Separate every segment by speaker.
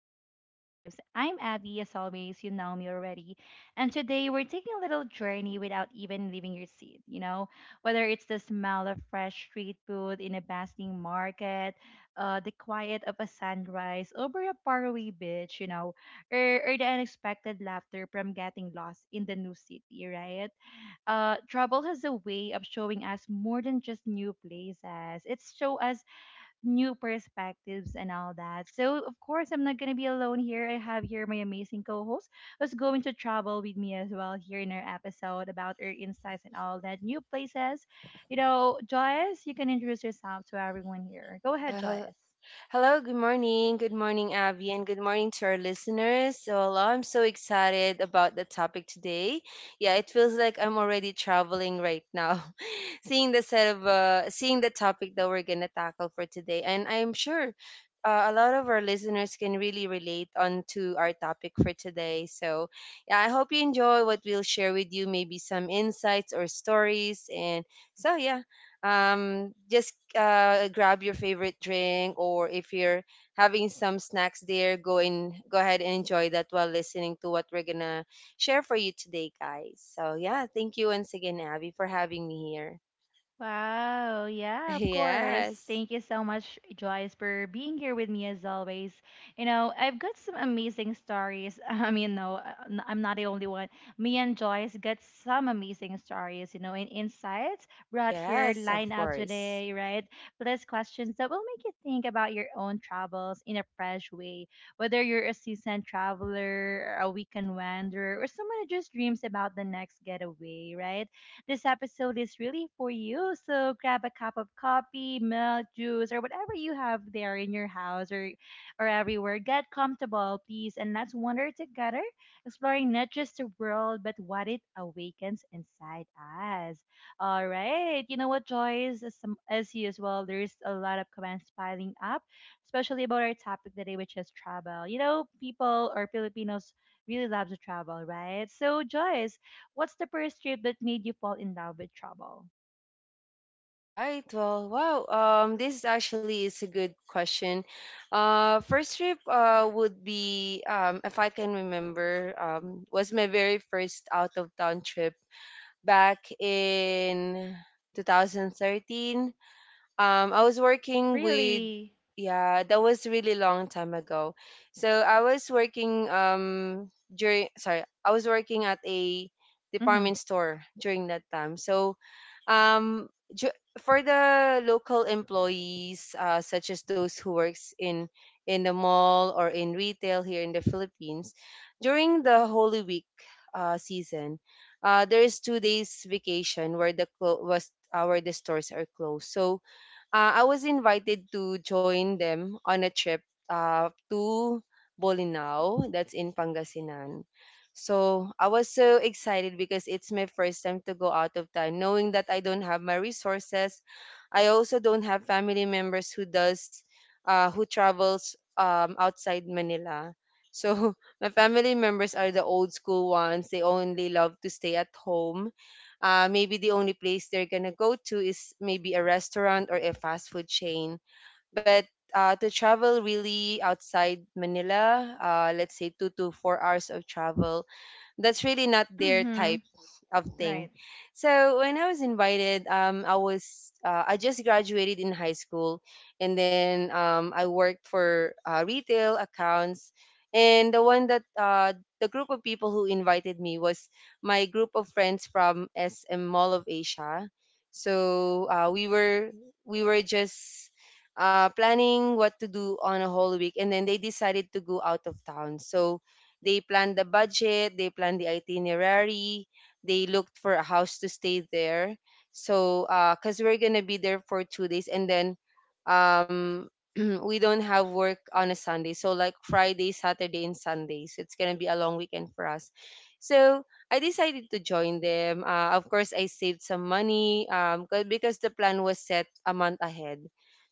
Speaker 1: which is Abby Vibes. I'm Abby, as always. You know me already. And today we're taking a little journey without even leaving your seat. You know, whether it's the smell of fresh street food in a bustling market, the quiet of a sunrise over a faraway beach, you know, or the unexpected laughter from getting lost in the new city, right? Travel has a way of showing us more than just new places. It's show us new perspectives and all that. So, of course, I'm not going to be alone here. I have here my amazing co host who's going to travel with me as well here in our episode about our insights and all that new places. You know, Joyce, you can introduce yourself to everyone here. Go ahead,
Speaker 2: Uh, hel-
Speaker 1: Joyce.
Speaker 2: Hello, good morning. Good morning, Abby, and good morning to our listeners. So, hello, I'm so excited about the topic today. Yeah, it feels like I'm already traveling right now, seeing the set of seeing the topic that we're gonna tackle for today, and I'm sure a lot of our listeners can really relate onto our topic for today. So, yeah, I hope you enjoy what we'll share with you, maybe some insights or stories, and so yeah, just grab your favorite drink, or if you're having some snacks there, go in go ahead and enjoy that while listening to what we're gonna share for you today, guys. So yeah, thank you once again, Abby, for having me here.
Speaker 1: Wow, yeah, of course.
Speaker 2: Yes.
Speaker 1: Thank you so much, Joyce, for being here with me as always. You know, I've got some amazing stories. I mean, no, I'm not the only one. Me and Joyce got some amazing stories, you know, and insights brought here
Speaker 2: Yes, of
Speaker 1: lined up
Speaker 2: course.
Speaker 1: today, right? Plus questions that will make you think about your own travels in a fresh way. Whether you're a seasoned traveler, a weekend wanderer, or someone who just dreams about the next getaway, right? This episode is really for you. So grab a cup of coffee, milk, juice, or whatever you have there in your house or everywhere. Get comfortable, please, and let's wander together, exploring not just the world, but what it awakens inside us. All right. You know what, Joyce? As you as well, there's a lot of comments piling up, especially about our topic today, which is travel. You know, people or Filipinos really love to travel, right? So, Joyce, what's the first trip that made you fall in love with travel?
Speaker 2: Right. Well, wow. This actually is a good question. First trip would be, if I can remember, was my very first out of town trip back in 2013. I was working with,
Speaker 1: Really?
Speaker 2: yeah, that was really long time ago. So I was working, during, sorry, I was working at a
Speaker 1: Mm-hmm.
Speaker 2: department store during that time. So um for the local employees, such as those who works in the mall or in retail here in the Philippines, during the Holy Week season, there is 2 days vacation where the clo- was where the stores are closed. So I was invited to join them on a trip to Bolinao, that's in Pangasinan. So I was so excited because it's my first time to go out of town, knowing that I don't have my resources. I also don't have family members who does who travels outside Manila. So my family members are the old school ones. They only love to stay at home. Maybe the only place they're gonna go to is maybe a restaurant or a fast food chain. But to travel really outside Manila, let's say 2 to 4 hours of travel, that's really not their
Speaker 1: Mm-hmm.
Speaker 2: type of thing.
Speaker 1: Right.
Speaker 2: So when I was invited, I just graduated in high school, and then I worked for retail accounts. And the one that the group of people who invited me was my group of friends from SM Mall of Asia. So we were just planning what to do on a whole week, and then they decided to go out of town. So they planned the budget, they planned the itinerary, they looked for a house to stay there. So, cause we're gonna be there for 2 days, and then, um, we don't have work on a Sunday. So like Friday, Saturday, and Sundays, it's gonna be a long weekend for us. So I decided to join them. Of course, I saved some money because the plan was set a month ahead.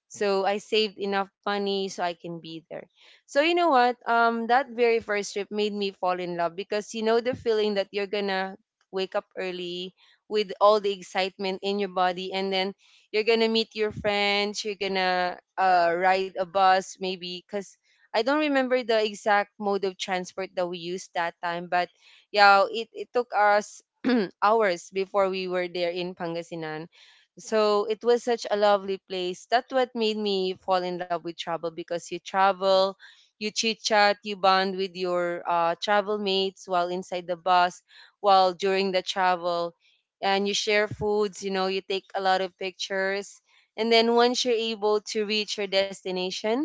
Speaker 2: So I saved enough money so I can be there. So you know what? That very first trip made me fall in love because you know the feeling that you're gonna wake up early with all the excitement in your body, and then you're gonna meet your friends. You're gonna ride a bus maybe because I don't remember the exact mode of transport that we used that time, but yeah, it took us hours before we were there in Pangasinan. So it was such a lovely place. That's what made me fall in love with travel because you chit chat, you bond with your travel mates while inside the bus, while during the travel, and you share foods. You know, you take a lot of pictures, and then once you're able to reach your destination,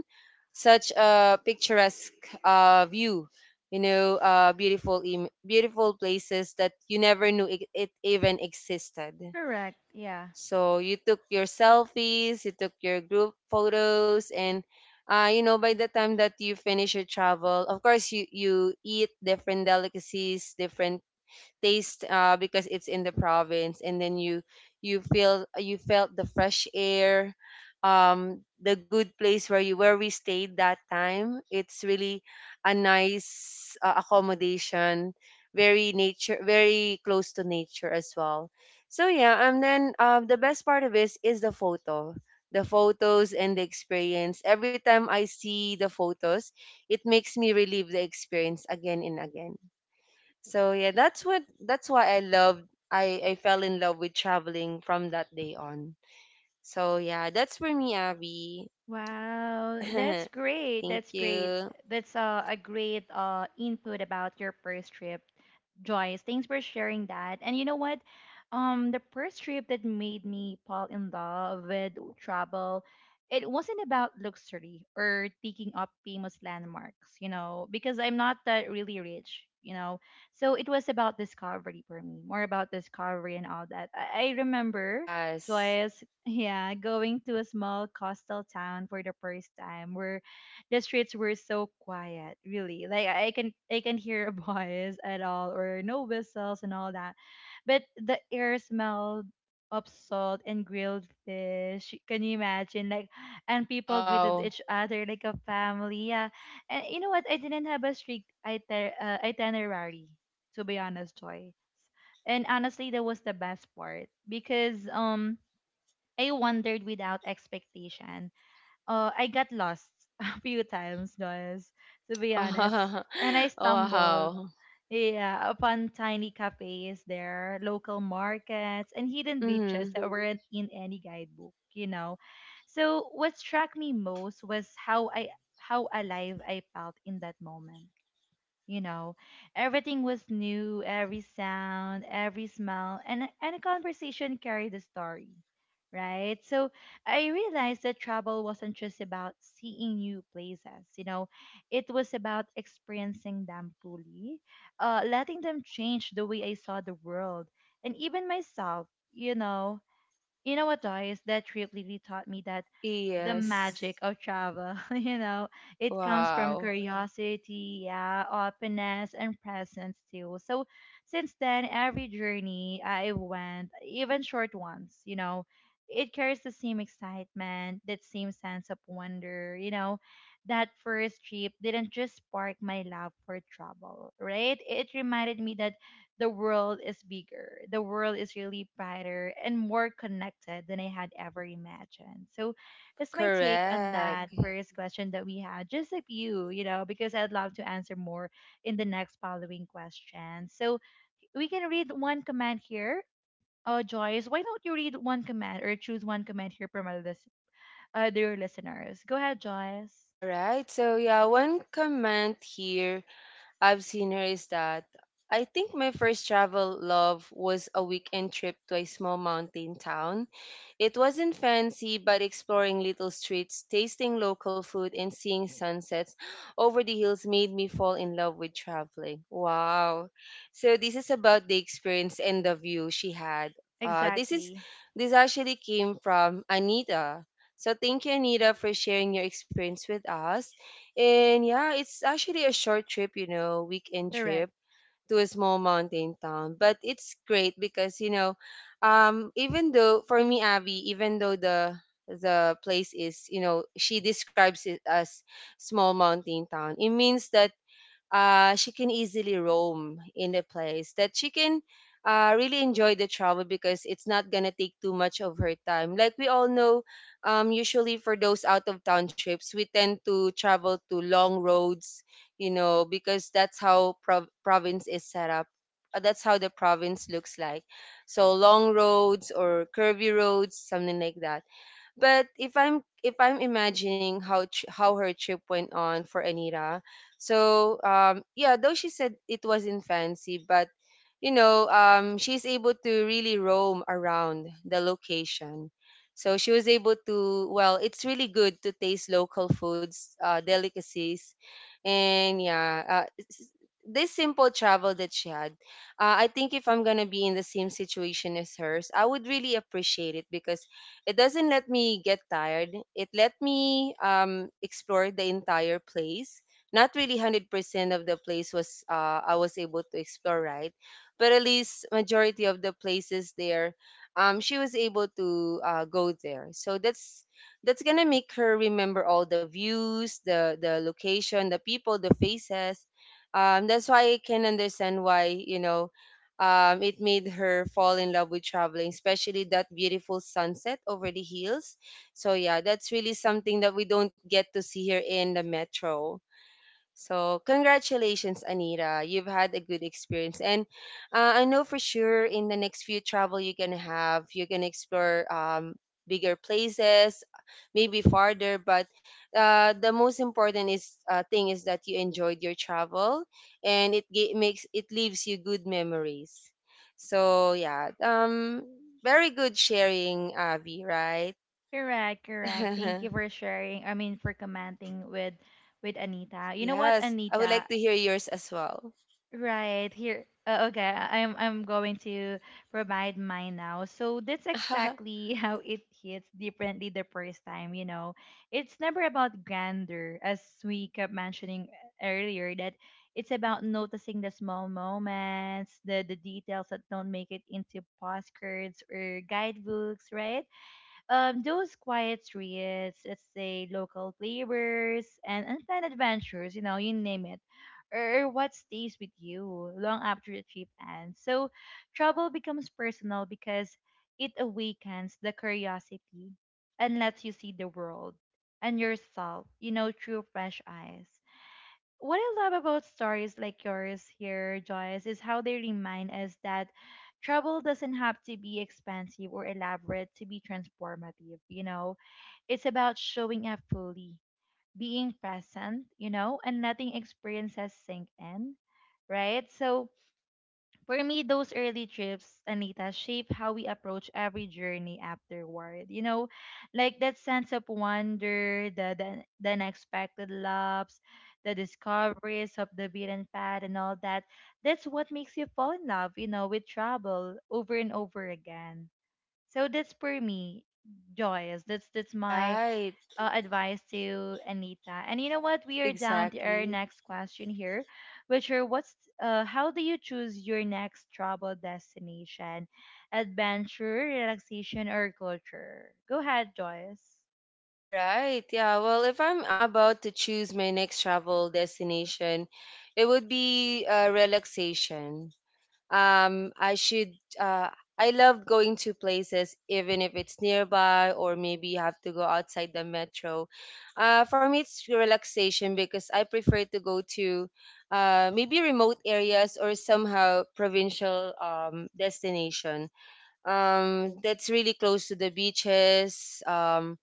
Speaker 2: such a picturesque view. You know, beautiful places that you never knew it, it even existed.
Speaker 1: Correct. Yeah.
Speaker 2: So you took your selfies, you took your group photos, and you know, by the time that you finish your travel, of course you eat different delicacies, different taste, because it's in the province. And then you felt the fresh air, the good place where you where we stayed that time. It's really a nice accommodation, very nature, very close to nature as well. So yeah, and then the best part of this is the photos and the experience. Every time I see the photos, it makes me relive the experience again and again. So yeah, that's why I fell in love with traveling from that day on. So yeah, that's for me, Abby.
Speaker 1: Wow, that's great.
Speaker 2: Thank
Speaker 1: That's great.
Speaker 2: you.
Speaker 1: That's a great input about your first trip, Joyce. Thanks for sharing that. And you know what? The first trip that made me fall in love with travel, it wasn't about luxury or taking up famous landmarks, you know, because I'm not that really rich, you know. So it was about discovery for me, more about discovery and all that. I remember,
Speaker 2: Yes.
Speaker 1: Joyce, yeah, going to a small coastal town for the first time where the streets were so quiet, really. Like I can hear a voice at all or no whistles and all that. But the air smelled of salt and grilled fish. Can you imagine? Like and people greeted
Speaker 2: Wow.
Speaker 1: each other like a family. Yeah. And you know what? I didn't have a strict itinerary, to be honest, Joy. And honestly, that was the best part because I wandered without expectation. I got lost a few times, guys, to be honest. And I
Speaker 2: Wow.
Speaker 1: stumbled, yeah, upon tiny cafes there, local markets, and hidden beaches
Speaker 2: Mm-hmm.
Speaker 1: that weren't in any guidebook, you know. So what struck me most was how alive I felt in that moment, you know, everything was new, every sound, every smell, and a conversation carried a story, right? So I realized that travel wasn't just about seeing new places, you know, it was about experiencing them fully, letting them change the way I saw the world and even myself, you know. You know what, Joyce, that trip really taught me that the
Speaker 2: Yes.
Speaker 1: magic of travel, you know, it comes from
Speaker 2: Wow.
Speaker 1: curiosity, yeah, openness, and presence too. So since then, every journey I went, even short ones, you know, it carries the same excitement, that same sense of wonder, you know. That first trip didn't just spark my love for travel, right? It reminded me that the world is bigger, the world is really brighter and more connected than I had ever imagined. So, that's my take on
Speaker 2: Correct.
Speaker 1: that first question that we had. Just a few, you know, because I'd love to answer more in the next following question. So we can read one comment here. Oh, Joyce, why don't you read one comment or choose one comment here from our dear listeners? Go ahead, Joyce.
Speaker 2: All right. So yeah, one comment here I've seen her is that I think my first travel love was a weekend trip to a small mountain town. It wasn't fancy, but exploring little streets, tasting local food, and seeing sunsets over the hills made me fall in love with traveling. Wow. So, this is about the experience and the view she had. Uh, this is
Speaker 1: Exactly.
Speaker 2: this actually came from Anita. So thank you, Anita, for sharing your experience with us. And yeah, it's actually a short trip, you know, weekend
Speaker 1: Correct.
Speaker 2: trip to a small mountain town. But it's great because, you know, even though for me, Abby, even though the place is, you know, she describes it as small mountain town, it means that she can easily roam in a place that she can really enjoy the travel because it's not gonna take too much of her time. Like we all know, usually for those out of town trips, we tend to travel to long roads, you know, because that's how province is set up. That's how the province looks like. So long roads or curvy roads, something like that. But if I'm imagining how her trip went on for Anira, so yeah, though she said it wasn't fancy, but you know, she's able to really roam around the location. So she was able to, well, it's really good to taste local foods, delicacies, and yeah, this simple travel that she had, I think if I'm gonna be in the same situation as hers, I would really appreciate it because it doesn't let me get tired. It let me explore the entire place. Not really 100% of the place was I was able to explore, right? But at least majority of the places there, she was able to go there. So that's gonna make her remember all the views, the location, the people, the faces. That's why I can understand why, you know, it made her fall in love with traveling, especially that beautiful sunset over the hills. So yeah, that's really something that we don't get to see here in the metro. So, congratulations, Anita. You've had a good experience. And I know for sure in the next few travel you're going to have, you're going to explore bigger places, maybe farther. But the most important is thing is that you enjoyed your travel, and makes it leaves you good memories. So, yeah. Very good sharing, Avi, right?
Speaker 1: Correct. Correct. Thank you for sharing. I mean, for commenting with Anita. You know what,
Speaker 2: Yes. I would like
Speaker 1: Anita?
Speaker 2: to hear yours as well.
Speaker 1: Right here. Okay, I'm going to provide mine now. So that's exactly how it hits differently the first time. You know, it's never about grandeur, as we kept mentioning earlier. That it's about noticing the small moments, the details that don't make it into postcards or guidebooks, right? Those quiet streets, let's say local flavors and unplanned adventures, you know, you name it, or what stays with you long after the trip ends. So travel becomes personal because it awakens the curiosity and lets you see the world and yourself, you know, through fresh eyes. What I love about stories like yours here, Joyce, is how they remind us that travel doesn't have to be expensive or elaborate to be transformative. You know, it's about showing up fully, being present, you know, and letting experiences sink in, right? So, for me, those early trips, Anita, shape how we approach every journey afterward. You know, like that sense of wonder, the unexpected loves, the discoveries of the beaten path and all that. That's what makes you fall in love, you know, with travel over and over again. So that's for me, Joyce. That's my
Speaker 2: Right.
Speaker 1: advice to Anita. And you know what? We are down to our
Speaker 2: Exactly.
Speaker 1: next question here, which are what's how do you choose your next travel destination? Adventure, relaxation, or culture? Go ahead, Joyce.
Speaker 2: All right. Yeah. Well, if I'm about to choose my next travel destination, it would be relaxation. I should. Uh, I love going to places, even if it's nearby or maybe you have to go outside the metro. For me, it's relaxation because I prefer to go to maybe remote areas or somehow provincial destination that's really close to the beaches.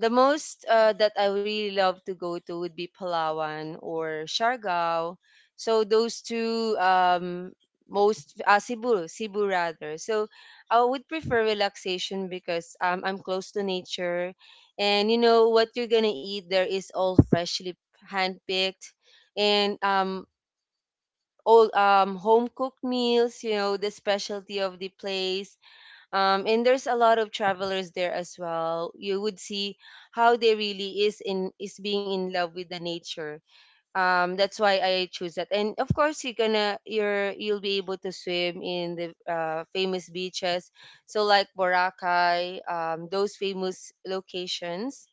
Speaker 2: The most that I really love to go to would be Palawan or Siargao. So those two, most Cebu, Cebu rather. So I would prefer relaxation because I'm close to nature, and you know what you're gonna eat there is all freshly handpicked, and all home cooked meals. You know the specialty of the place, and there's a lot of travelers there as well. You would see how they really is being in love with the nature. That's why I choose that. And of course, you're you'll be able to swim in the famous beaches, so like Boracay, those famous locations.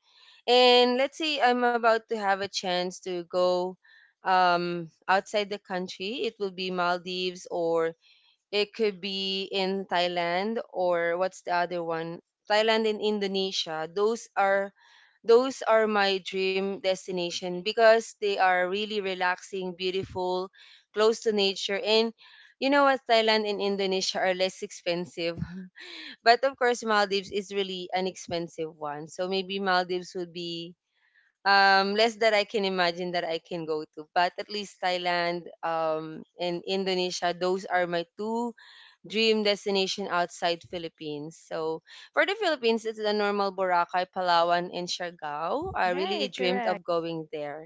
Speaker 2: And let's say I'm about to have a chance to go outside the country, it will be Maldives, or it could be in Thailand, or what's the other one? Thailand and Indonesia. Those are my dream destination because they are really relaxing, beautiful, close to nature, and you know what, Thailand and Indonesia are less expensive. But of course Maldives is really an expensive one. So maybe Maldives would be less that I can imagine that I can go to. But at least Thailand and Indonesia, those are my two dream destination outside Philippines. So for the Philippines, it's the normal Boracay, Palawan, and Siargao. I really
Speaker 1: Right,
Speaker 2: dreamed of
Speaker 1: correct.
Speaker 2: going there.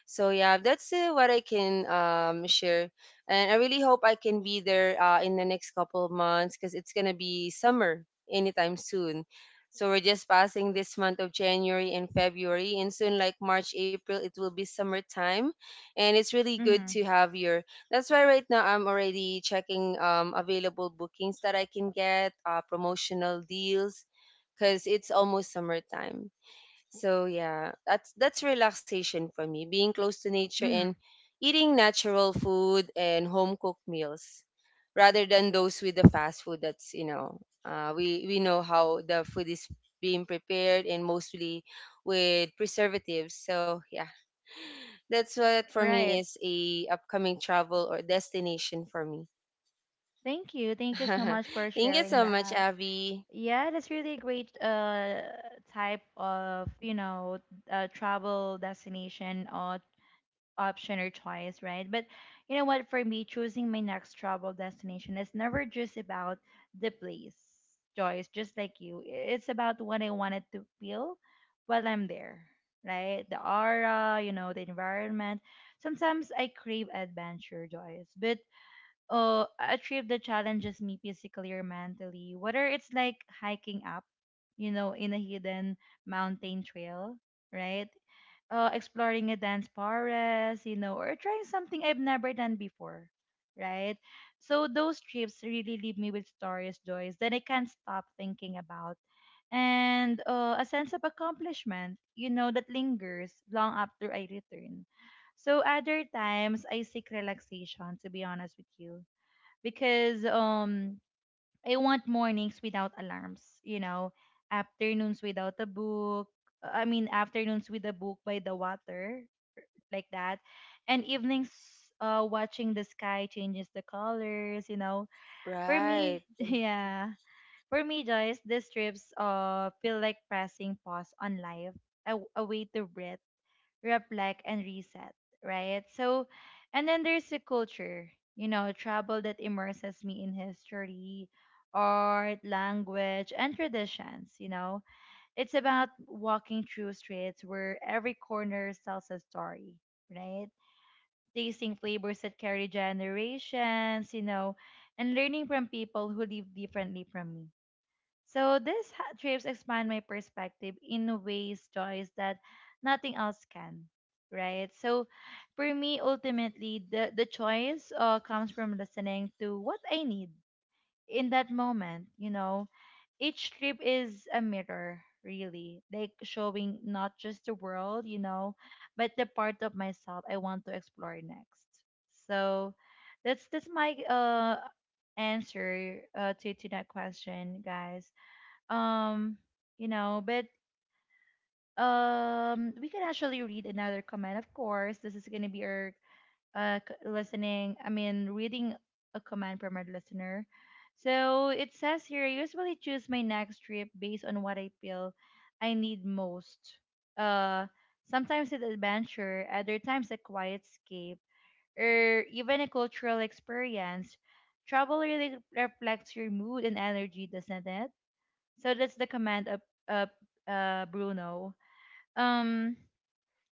Speaker 2: So yeah, that's what I can share, and I really hope I can be there in the next couple of months because it's gonna be summer anytime soon. So we're just passing this month of January and February, and soon like March, April, it will be summertime, and it's really good
Speaker 1: Mm-hmm.
Speaker 2: to have your that's why right now I'm already checking available bookings that I can get, promotional deals, because it's almost summertime. So yeah, that's relaxation for me, being close to nature and
Speaker 1: Mm-hmm.
Speaker 2: eating natural food and home cooked meals, rather than those with the fast food. That's we know how the food is being prepared and mostly with preservatives. So yeah, that's what for me
Speaker 1: Right.
Speaker 2: is a upcoming travel or destination for me.
Speaker 1: Thank you. Thank you so much for
Speaker 2: Thank you
Speaker 1: sharing
Speaker 2: so much,
Speaker 1: that.
Speaker 2: Abby.
Speaker 1: Yeah, that's really a great type of, you know, travel destination or option or choice, right? But you know what? For me, choosing my next travel destination is never just about the place, Joyce, just like you. It's about what I wanted to feel while I'm there, right? The aura, you know, the environment. Sometimes I crave adventure, Joyce, but a trip that challenges me physically or mentally, whether it's like hiking up, you know, in a hidden mountain trail, right? Exploring a dance pares, you know, or trying something I've never done before, right? So those trips really leave me with stories, joys that I can't stop thinking about, and a sense of accomplishment, you know, that lingers long after I return. So other times I seek relaxation, to be honest with you, because I want mornings without alarms, you know, afternoons without a book. I mean afternoons with a book by the water like that. And evenings, watching the sky changes the colors, you know. For me,
Speaker 2: Right,
Speaker 1: yeah, for me, Joyce, these trips feel like pressing pause on life, a way to breathe, reflect, and reset, right? So, and then there's the culture, you know, travel that immerses me in history, art, language, and traditions, you know. It's about walking through streets where every corner tells a story, right? Tasting flavors that carry generations, you know, and learning from people who live differently from me. So these trips expand my perspective in ways, Joyce, that nothing else can. Right. So for me, ultimately, the choice comes from listening to what I need in that moment, you know, each trip is a mirror, really, like showing not just the world, you know, but the part of myself I want to explore next. So that's my answer to that question, guys. um you know, but we can actually read another comment. Of course, this is going to be our listening, I mean, reading a comment from our listener. So it says here, I usually choose my next trip based on what I feel I need most. Uh, Sometimes it's adventure, other times a quiet escape, or even a cultural experience. Travel really reflects your mood and energy, doesn't it? So that's the comment of Bruno. Um,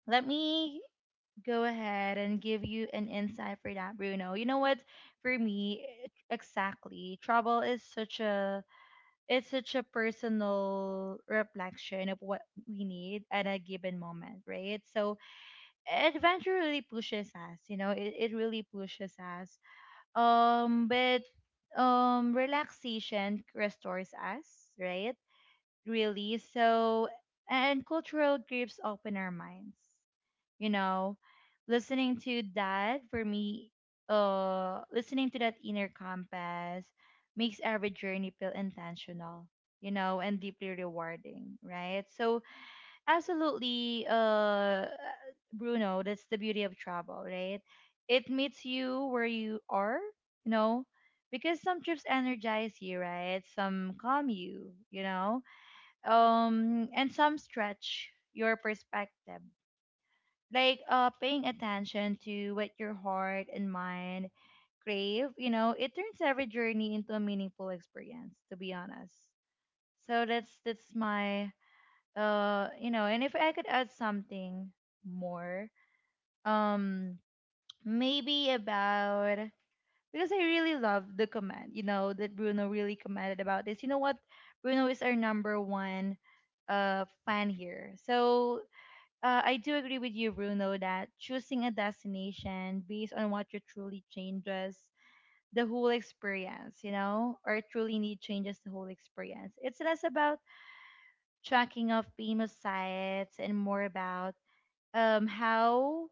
Speaker 1: Let me go ahead and give you an insight for that, Bruno. You know what? For me, exactly. Trouble is such a it's such a personal reflection of what we need at a given moment, right? So adventure really pushes us, you know, it really pushes us. But relaxation restores us, right? Really. And cultural groups open our minds. You know, listening to that for me, listening to that inner compass makes every journey feel intentional, you know, and deeply rewarding, right? So absolutely, Bruno, that's the beauty of travel, right? It meets you where you are, you know, because some trips energize you, right? Some calm you, you know. And some stretch your perspective, like, paying attention to what your heart and mind crave, you know, it turns every journey into a meaningful experience, to be honest. So that's my, you know. And if I could add something more, um maybe about, because I really love the comment, you know, that Bruno really commented about this. You know what? Bruno is our number one fan here. So I do agree with you, Bruno, that choosing a destination based on what you truly changes the whole experience, you know, or truly need changes the whole experience. It's less about tracking off famous sites and more about, how,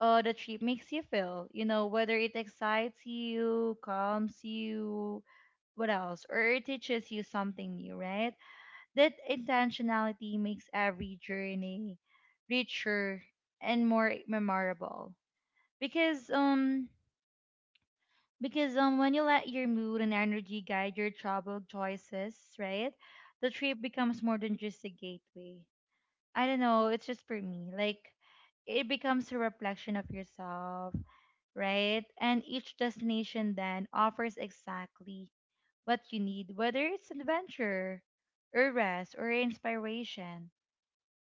Speaker 1: the trip makes you feel, you know, whether it excites you, calms you, what else, or it teaches you something new, right? That intentionality makes every journey richer and more memorable. Because um because when you let your mood and energy guide your travel choices, right? The trip becomes more than just a gateway. I don't know, it's just for me. Like, it becomes a reflection of yourself, right? And each destination then offers exactly what you need, whether it's an adventure, or rest, or inspiration.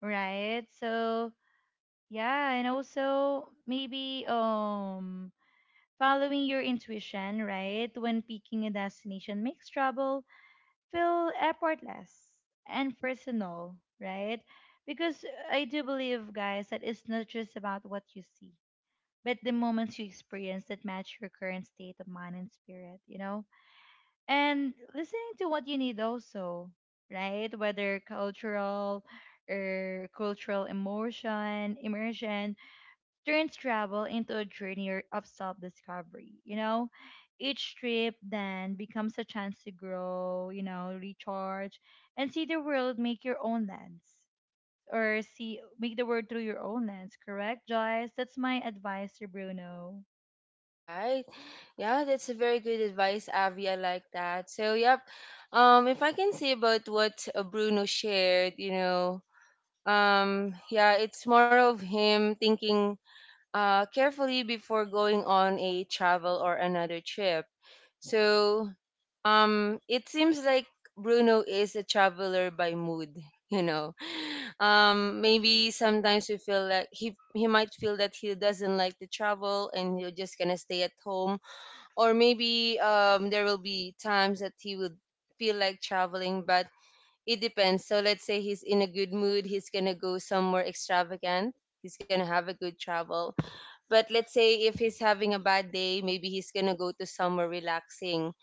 Speaker 1: Right. So, yeah, and also maybe following your intuition, right? When picking a destination makes travel feel effortless and personal, right? Because I do believe, guys, that it's not just about what you see, but the moments you experience that match your current state of mind and spirit, you know? And listening to what you need also, right? Whether cultural or cultural emotion immersion turns travel into a journey of self-discovery, you know. Each trip then becomes a chance to grow, you know, recharge, and see the world make the world through your own lens. Correct, Joyce? That's my advice to Bruno.
Speaker 2: right. Yeah, that's a very good advice, Avi. I like that. So, yep. If I can say about what Bruno shared, you know, yeah, it's more of him thinking carefully before going on a travel or another trip. So it seems like Bruno is a traveler by mood. You know, maybe sometimes we feel like he might feel that he doesn't like to travel and you're just gonna stay at home, or maybe there will be times that he would feel like traveling, but it depends. So let's say he's in a good mood, he's gonna go somewhere extravagant, he's gonna have a good travel, but let's say if he's having a bad day, maybe he's gonna go to somewhere relaxing,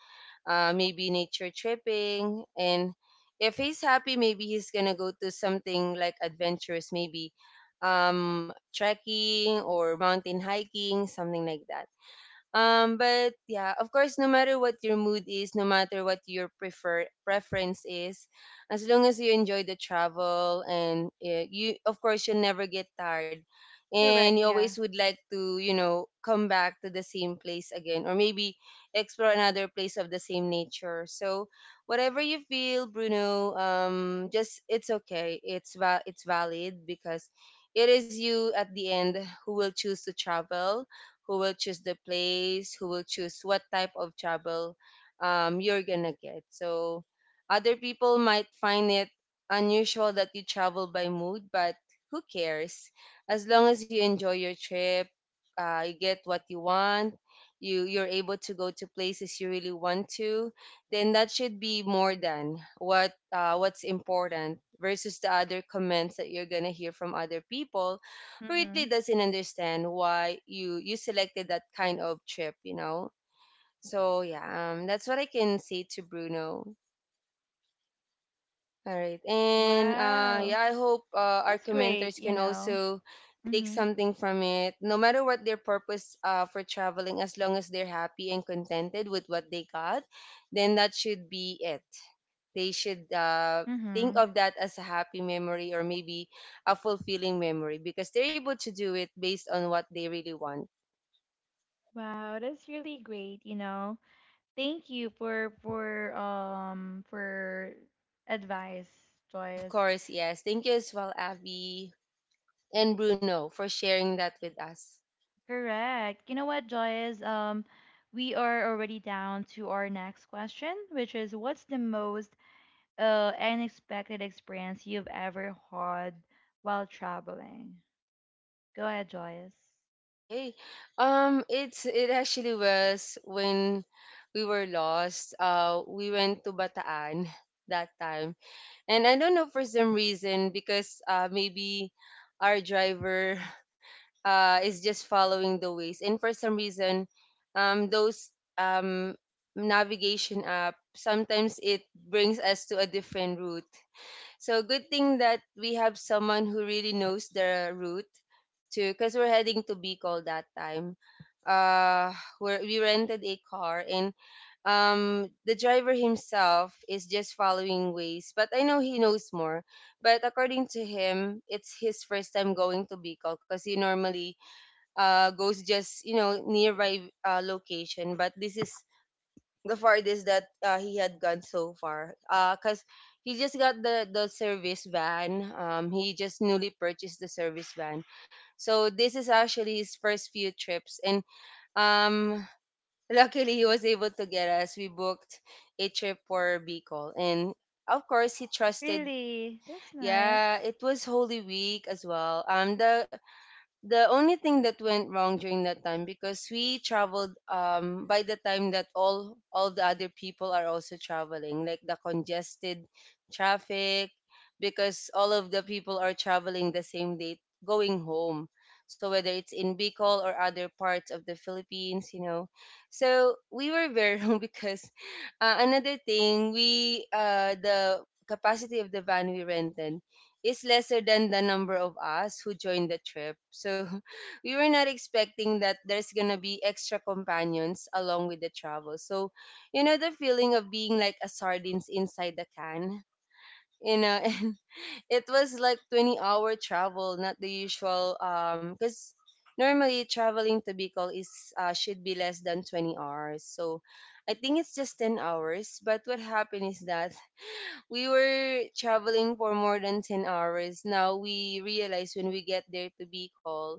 Speaker 2: maybe nature tripping. And if he's happy, maybe he's gonna go to something like adventurous, maybe trekking or mountain hiking, something like that. But yeah, of course, no matter what your mood is, no matter what your preference is, as long as you enjoy the travel and you, of course, you'll never get tired, and
Speaker 1: Correct,
Speaker 2: you
Speaker 1: yeah.
Speaker 2: always would like to, you know, come back to the same place again, or maybe explore another place of the same nature. So, whatever you feel, Bruno, just it's okay. It's valid because it is you at the end who will choose to travel, who will choose the place, who will choose what type of travel you're gonna get. So other people might find it unusual that you travel by mood, but who cares? As long as you enjoy your trip, you get what you want, you're able to go to places you really want to, then that should be more than what what's important versus the other comments that you're gonna hear from other people really
Speaker 1: Mm-hmm.
Speaker 2: doesn't understand why you selected that kind of trip, you know. So yeah, that's what I can say to Bruno. All right, and
Speaker 1: Wow,
Speaker 2: yeah, I hope our
Speaker 1: that's great,
Speaker 2: commenters
Speaker 1: you
Speaker 2: can
Speaker 1: know.
Speaker 2: also take
Speaker 1: Mhm.
Speaker 2: something from it no matter what their purpose for traveling, as long as they're happy and contented with what they got, then that should be it. They should think
Speaker 1: Mhm.
Speaker 2: of that as a happy memory, or maybe a fulfilling memory, because they're able to do it based on what they really want.
Speaker 1: Wow, that's really great, you know. Thank you for advice,
Speaker 2: Of
Speaker 1: Joyce.
Speaker 2: course, yes. Thank you as well, Abby, and Bruno, for sharing that with us.
Speaker 1: Correct. You know what, Joyce? We are already down to our next question, which is, what's the most unexpected experience you've ever had while traveling? Go ahead, Joyce.
Speaker 2: Okay. It's it actually was when we were lost. We went to Bataan that time, and I don't know, for some reason, because maybe our driver is just following the ways, and for some reason, those um navigation app, sometimes it brings us to a different route. So good thing that we have someone who really knows the route to, because we're heading to Bicol that time. Where we rented a car, and the driver himself is just following ways, but I know he knows more. But according to him, it's his first time going to Bicol because he normally goes just, you know, nearby location, but this is the farthest that he had gone so far. 'Cause he just got the service van. He just newly purchased the service van, so this is actually his first few trips. And um, luckily he was able to get us. We booked a trip for Bicol, and of course he trusted.
Speaker 1: Really? That's nice.
Speaker 2: Yeah, it was Holy Week as well. The only thing that went wrong during that time, because we traveled by the time that all the other people are also traveling, like the congested traffic, because all of the people are traveling the same day going home, so whether it's in Bicol or other parts of the Philippines, you know. So we were very wrong because another thing, we the capacity of the van we rented is lesser than the number of us who joined the trip. So we were not expecting that there's gonna be extra companions along with the travel. So you know the feeling of being like a sardines inside the can. You know, and it was like 20-hour travel, not the usual because normally traveling to Bicol is should be less than 20 hours. So I think it's just 10 hours, but what happened is that we were traveling for more than 10 hours. Now we realize when we get there to Bicol,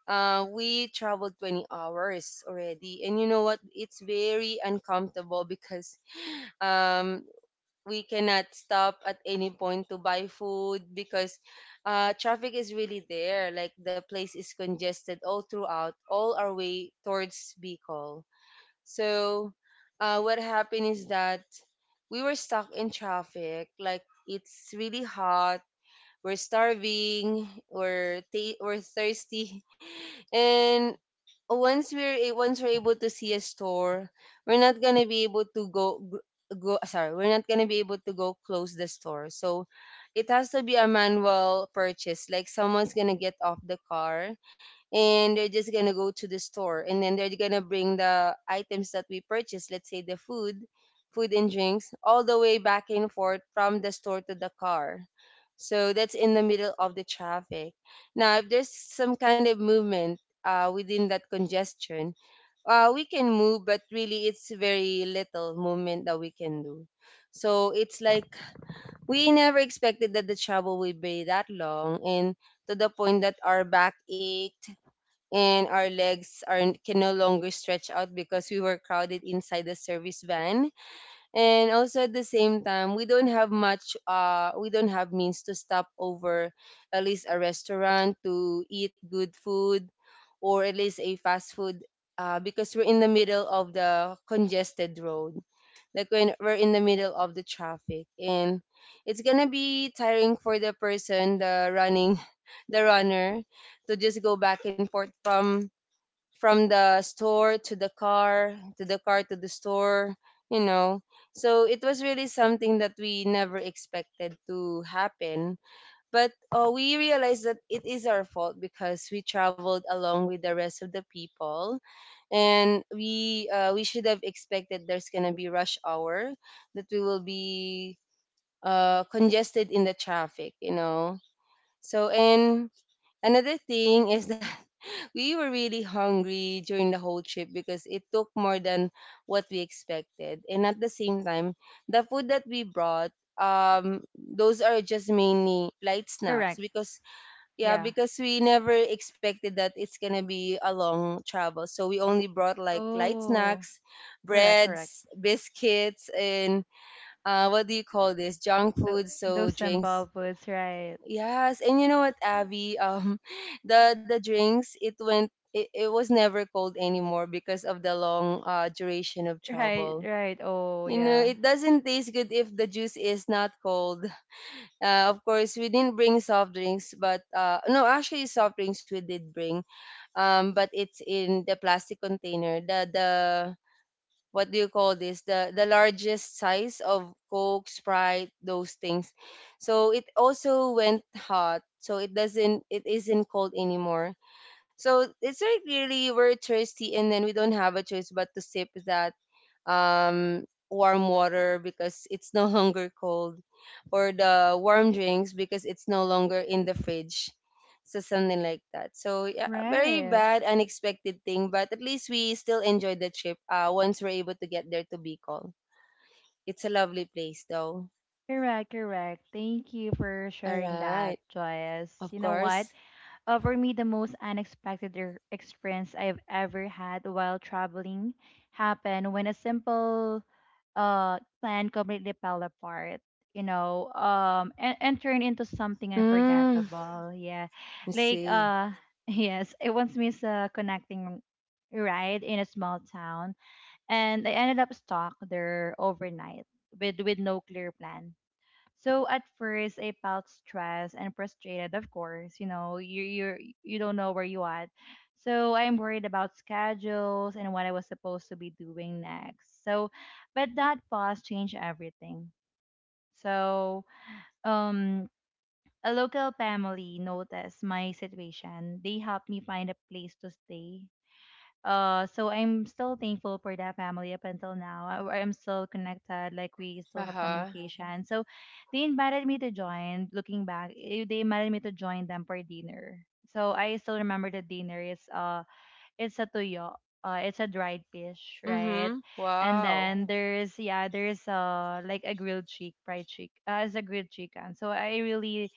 Speaker 2: we traveled 20 hours already. And you know what? It's very uncomfortable because um, we cannot stop at any point to buy food because traffic is really there. Like the place is congested all throughout, all our way towards Bicol. So, what happened is that we were stuck in traffic. Like it's really hot. We're starving. We're thirsty, and once we're able to see a store, we're not gonna be able to go. Sorry, we're not gonna be able to go close the store. So it has to be a manual purchase. Like someone's gonna get off the car, and they're just gonna go to the store, and then they're gonna bring the items that we purchased. Let's say the food, food and drinks, all the way back and forth from the store to the car. So that's in the middle of the traffic. Now, if there's some kind of movement, within that congestion, we can move, but really it's very little movement that we can do. So it's like we never expected that the travel would be that long, and to the point that our back ached and our legs are can no longer stretch out because we were crowded inside the service van, and also at the same time, we don't have much, we don't have means to stop over at least a restaurant to eat good food, or at least a fast food, because we're in the middle of the congested road, like when we're in the middle of the traffic, and it's gonna be tiring for the person, the running the runner, to just go back and forth from the store to the car, to the car to the store, you know. So it was really something that we never expected to happen. But we realized that it is our fault because we traveled along with the rest of the people, and we should have expected there's gonna be rush hour, that we will be congested in the traffic, you know. So, and another thing is that we were really hungry during the whole trip because it took more than what we expected. And at the same time, the food that we brought, those are just mainly light snacks,
Speaker 1: Correct.
Speaker 2: because yeah,
Speaker 1: Yeah.
Speaker 2: because we never expected that it's gonna be a long travel. So we only brought like light
Speaker 1: Oh,
Speaker 2: snacks,
Speaker 1: correct, correct.
Speaker 2: breads, biscuits, and what do you call this? Junk
Speaker 1: Tho-
Speaker 2: food, so
Speaker 1: those
Speaker 2: drinks.
Speaker 1: simple foods, right?
Speaker 2: Yes, and you know what, Abby? The drinks, it went it, it was never cold anymore because of the long duration of
Speaker 1: Right,
Speaker 2: travel.
Speaker 1: right. Oh,
Speaker 2: You know,
Speaker 1: yeah.
Speaker 2: it doesn't taste good if the juice is not cold. Of course, we didn't bring soft drinks, but no, actually, soft drinks we did bring. But it's in the plastic container. The what do you call this, the largest size of Coke, Sprite, those things. So it also went hot, so it isn't cold anymore. So it's very clearly we're thirsty, and then we don't have a choice but to sip that um, warm water because it's no longer cold, or the warm drinks because it's no longer in the fridge. So something like that. So yeah, very
Speaker 1: Right.
Speaker 2: bad, unexpected thing, but at least we still enjoyed the trip. Once we're able to get there to Bicol, it's a lovely place though.
Speaker 1: Correct, correct. Thank you for
Speaker 2: All
Speaker 1: sharing
Speaker 2: right,
Speaker 1: that, Joyce.
Speaker 2: of
Speaker 1: You know what?
Speaker 2: course.
Speaker 1: For me, the most unexpected experience I've ever had while traveling happened when a simple plan completely fell apart, you know, and turned into something
Speaker 2: Mm,
Speaker 1: unforgettable. Yeah.
Speaker 2: let's
Speaker 1: Like,
Speaker 2: see.
Speaker 1: yes, it once missed a connecting ride in a small town, and I ended up stuck there overnight with, no clear plan. So at first, I felt stressed and frustrated. Of course, you know, you you don't know where you at. So I'm worried about schedules and what I was supposed to be doing next. So, but that pause changed everything. So, um, a local family noticed my situation. They helped me find a place to stay. Uh, so I'm still thankful for that family up until now. I'm still connected, like we still
Speaker 2: Uh
Speaker 1: have
Speaker 2: huh.
Speaker 1: communication. So they invited me to join. Looking back, they invited me to join them for dinner. So I still remember, the dinner is it's a tuyo. It's a dried fish,
Speaker 2: Mm
Speaker 1: right?
Speaker 2: hmm.
Speaker 1: And
Speaker 2: Wow.
Speaker 1: then there's, yeah, there's like a grilled cheek, fried cheek. It's a grilled chicken. So I really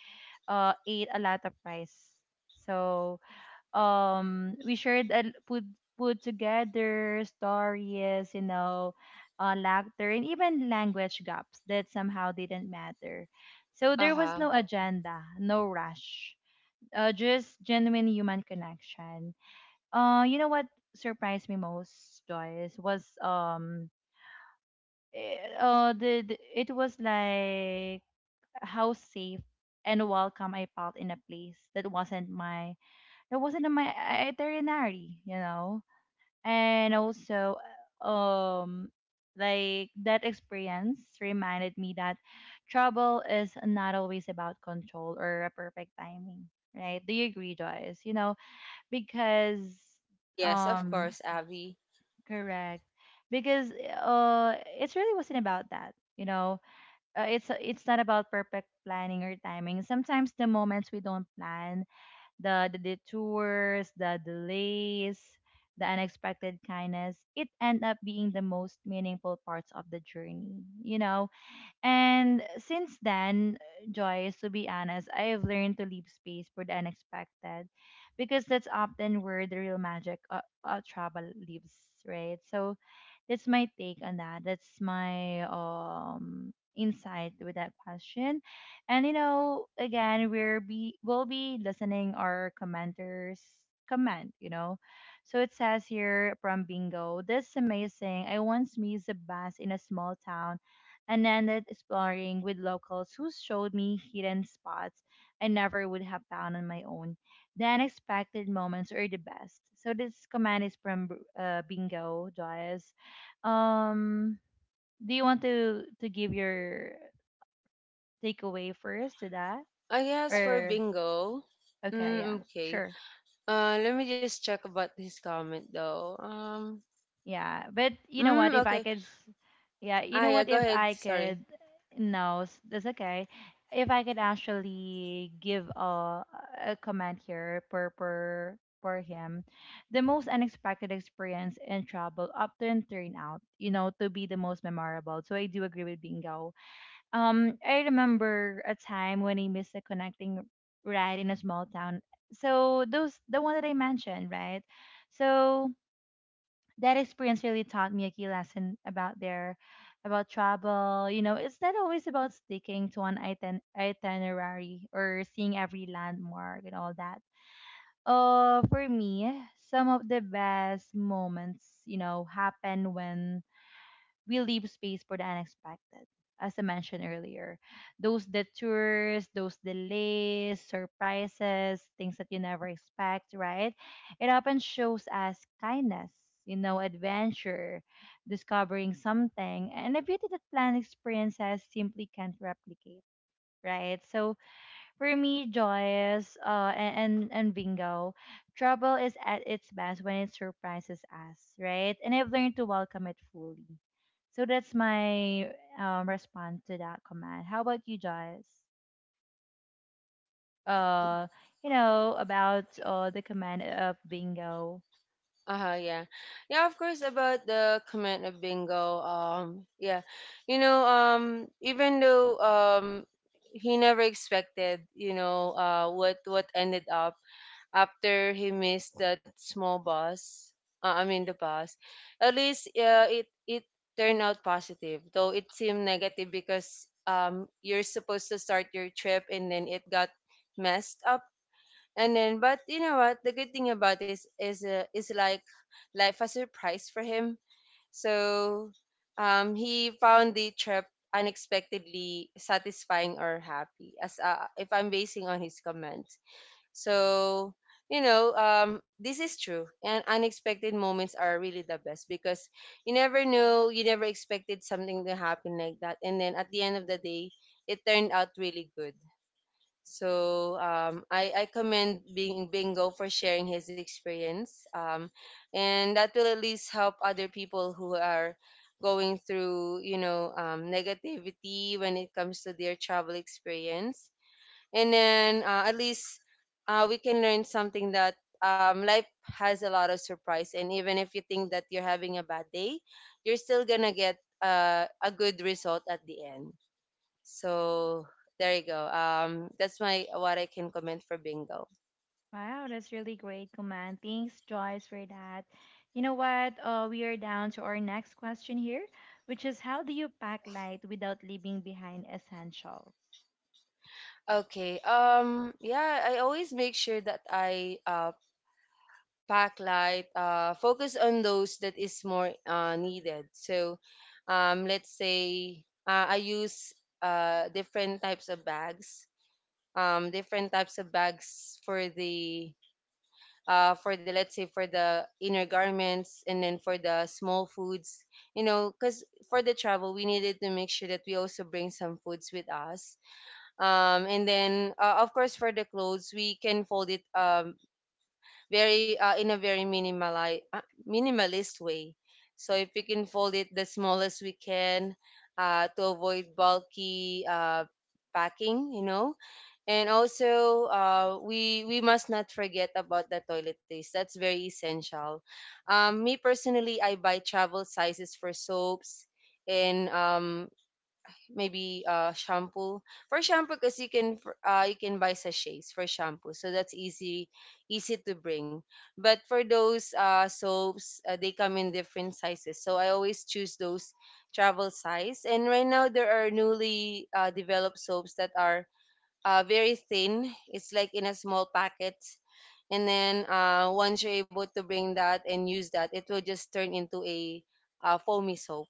Speaker 1: ate a lot of rice. So we shared and put together stories, you know, laughter, and even language gaps that somehow didn't matter. So
Speaker 2: Uh
Speaker 1: there was
Speaker 2: huh.
Speaker 1: no agenda, no rush, just genuine human connection. Uh you know what surprised me most, Joyce, was the it was like how safe and welcome I felt in a place that wasn't in my itinerary, you know. And also, um like that experience reminded me that trouble is not always about control or a perfect timing, right? Do you agree, Joyce? You know, because
Speaker 2: Mm, yes, of
Speaker 1: um
Speaker 2: course, Abby.
Speaker 1: correct, because it really wasn't about that, you know. Uh, it's not about perfect planning or timing. Sometimes the moments we don't plan, the detours, the delays, the unexpected kindness, it end up being the most meaningful parts of the journey, you know. And since then, Joyce, to be honest, I have learned to leave space for the unexpected, because that's often where the real magic of, travel lives, right? So, that's my take on that. That's my insight with that question. And you know, again, we'll be listening our commenters comment, you know. So it says here from Bingo, "This is amazing. I once missed a bus in a small town and ended exploring with locals who showed me hidden spots I never would have found on my own. The unexpected moments are the best." So this comment is from Bingo, Joyce. Um, do you want to give your takeaway first to that?
Speaker 2: I
Speaker 1: Oh,
Speaker 2: guess for
Speaker 1: or
Speaker 2: Bingo.
Speaker 1: okay, yeah,
Speaker 2: Mm, okay.
Speaker 1: sure,
Speaker 2: Let me just check about this comment though.
Speaker 1: yeah. But you know
Speaker 2: Mm,
Speaker 1: what? If I
Speaker 2: okay.
Speaker 1: could, yeah, you
Speaker 2: Ah,
Speaker 1: know
Speaker 2: yeah.
Speaker 1: what?
Speaker 2: Go
Speaker 1: If
Speaker 2: ahead.
Speaker 1: I
Speaker 2: Sorry.
Speaker 1: could, no, that's okay. If I could actually give a comment here per per for him, the most unexpected experience in travel often turn out, you know, to be the most memorable. So I do agree with Bingo. I remember a time when I missed a connecting ride in a small town. So those the one that I mentioned, right? So that experience really taught me a key lesson about their about travel. You know, it's not always about sticking to an itinerary or seeing every landmark and all that. For me, some of the best moments, you know, happen when we leave space for the unexpected. As I mentioned earlier, those detours, those delays, surprises, things that you never expect, right? It often shows us kindness, you know, adventure, discovering something, and a beauty that planned experiences simply can't replicate, right? So, for me, Joyce, and Bingo, trouble is at its best when it surprises us, right? And I've learned to welcome it fully. So that's my response to that command. How about you, Joyce?
Speaker 2: Um.
Speaker 1: Uh, you know about the command of Bingo.
Speaker 2: Uh huh. Yeah. Yeah, of course, about the comment of Bingo. Yeah. You know. Um. Even though, he never expected, you know. What ended up after he missed that small bus, I mean the bus, at least it turned out positive though it seemed negative because you're supposed to start your trip and then it got messed up. And then, but you know what, the good thing about this is like life a surprise for him. So he found the trip unexpectedly satisfying or happy, as if I'm basing on his comments. So, you know, this is true. And unexpected moments are really the best because you never know, you never expected something to happen like that. And then at the end of the day, it turned out really good. So I commend Bing, Bingo for sharing his experience. And that will at least help other people who are going through, you know, negativity when it comes to their travel experience. And then at least we can learn something that, life has a lot of surprise, and even if you think that you're having a bad day, you're still gonna get a good result at the end. So there you go, that's my what I can comment for Bingo.
Speaker 1: Wow, that's really great command. Thanks, Joyce, for that. You know what? We are down to our next question here, which is, how do you pack light without leaving behind essentials?
Speaker 2: Okay, yeah, I always make sure that I backlight, focus on those that is more needed. So, let's say I use different types of bags, different types of bags for the let's say for the inner garments and then for the small foods, you know, because for the travel we needed to make sure that we also bring some foods with us. And then of course for the clothes we can fold it, very in a very minimalist way. So if we can fold it the smallest we can to avoid bulky packing, you know. And also we must not forget about the toiletries. That's very essential. Me personally, I buy travel sizes for soaps and maybe shampoo. For shampoo, because you can you can buy sachets for shampoo, so that's easy, easy to bring. But for those soaps, they come in different sizes, so I always choose those travel size. And right now there are newly developed soaps that are very thin, it's like in a small packet, and then once you're able to bring that and use that, it will just turn into a foamy soap.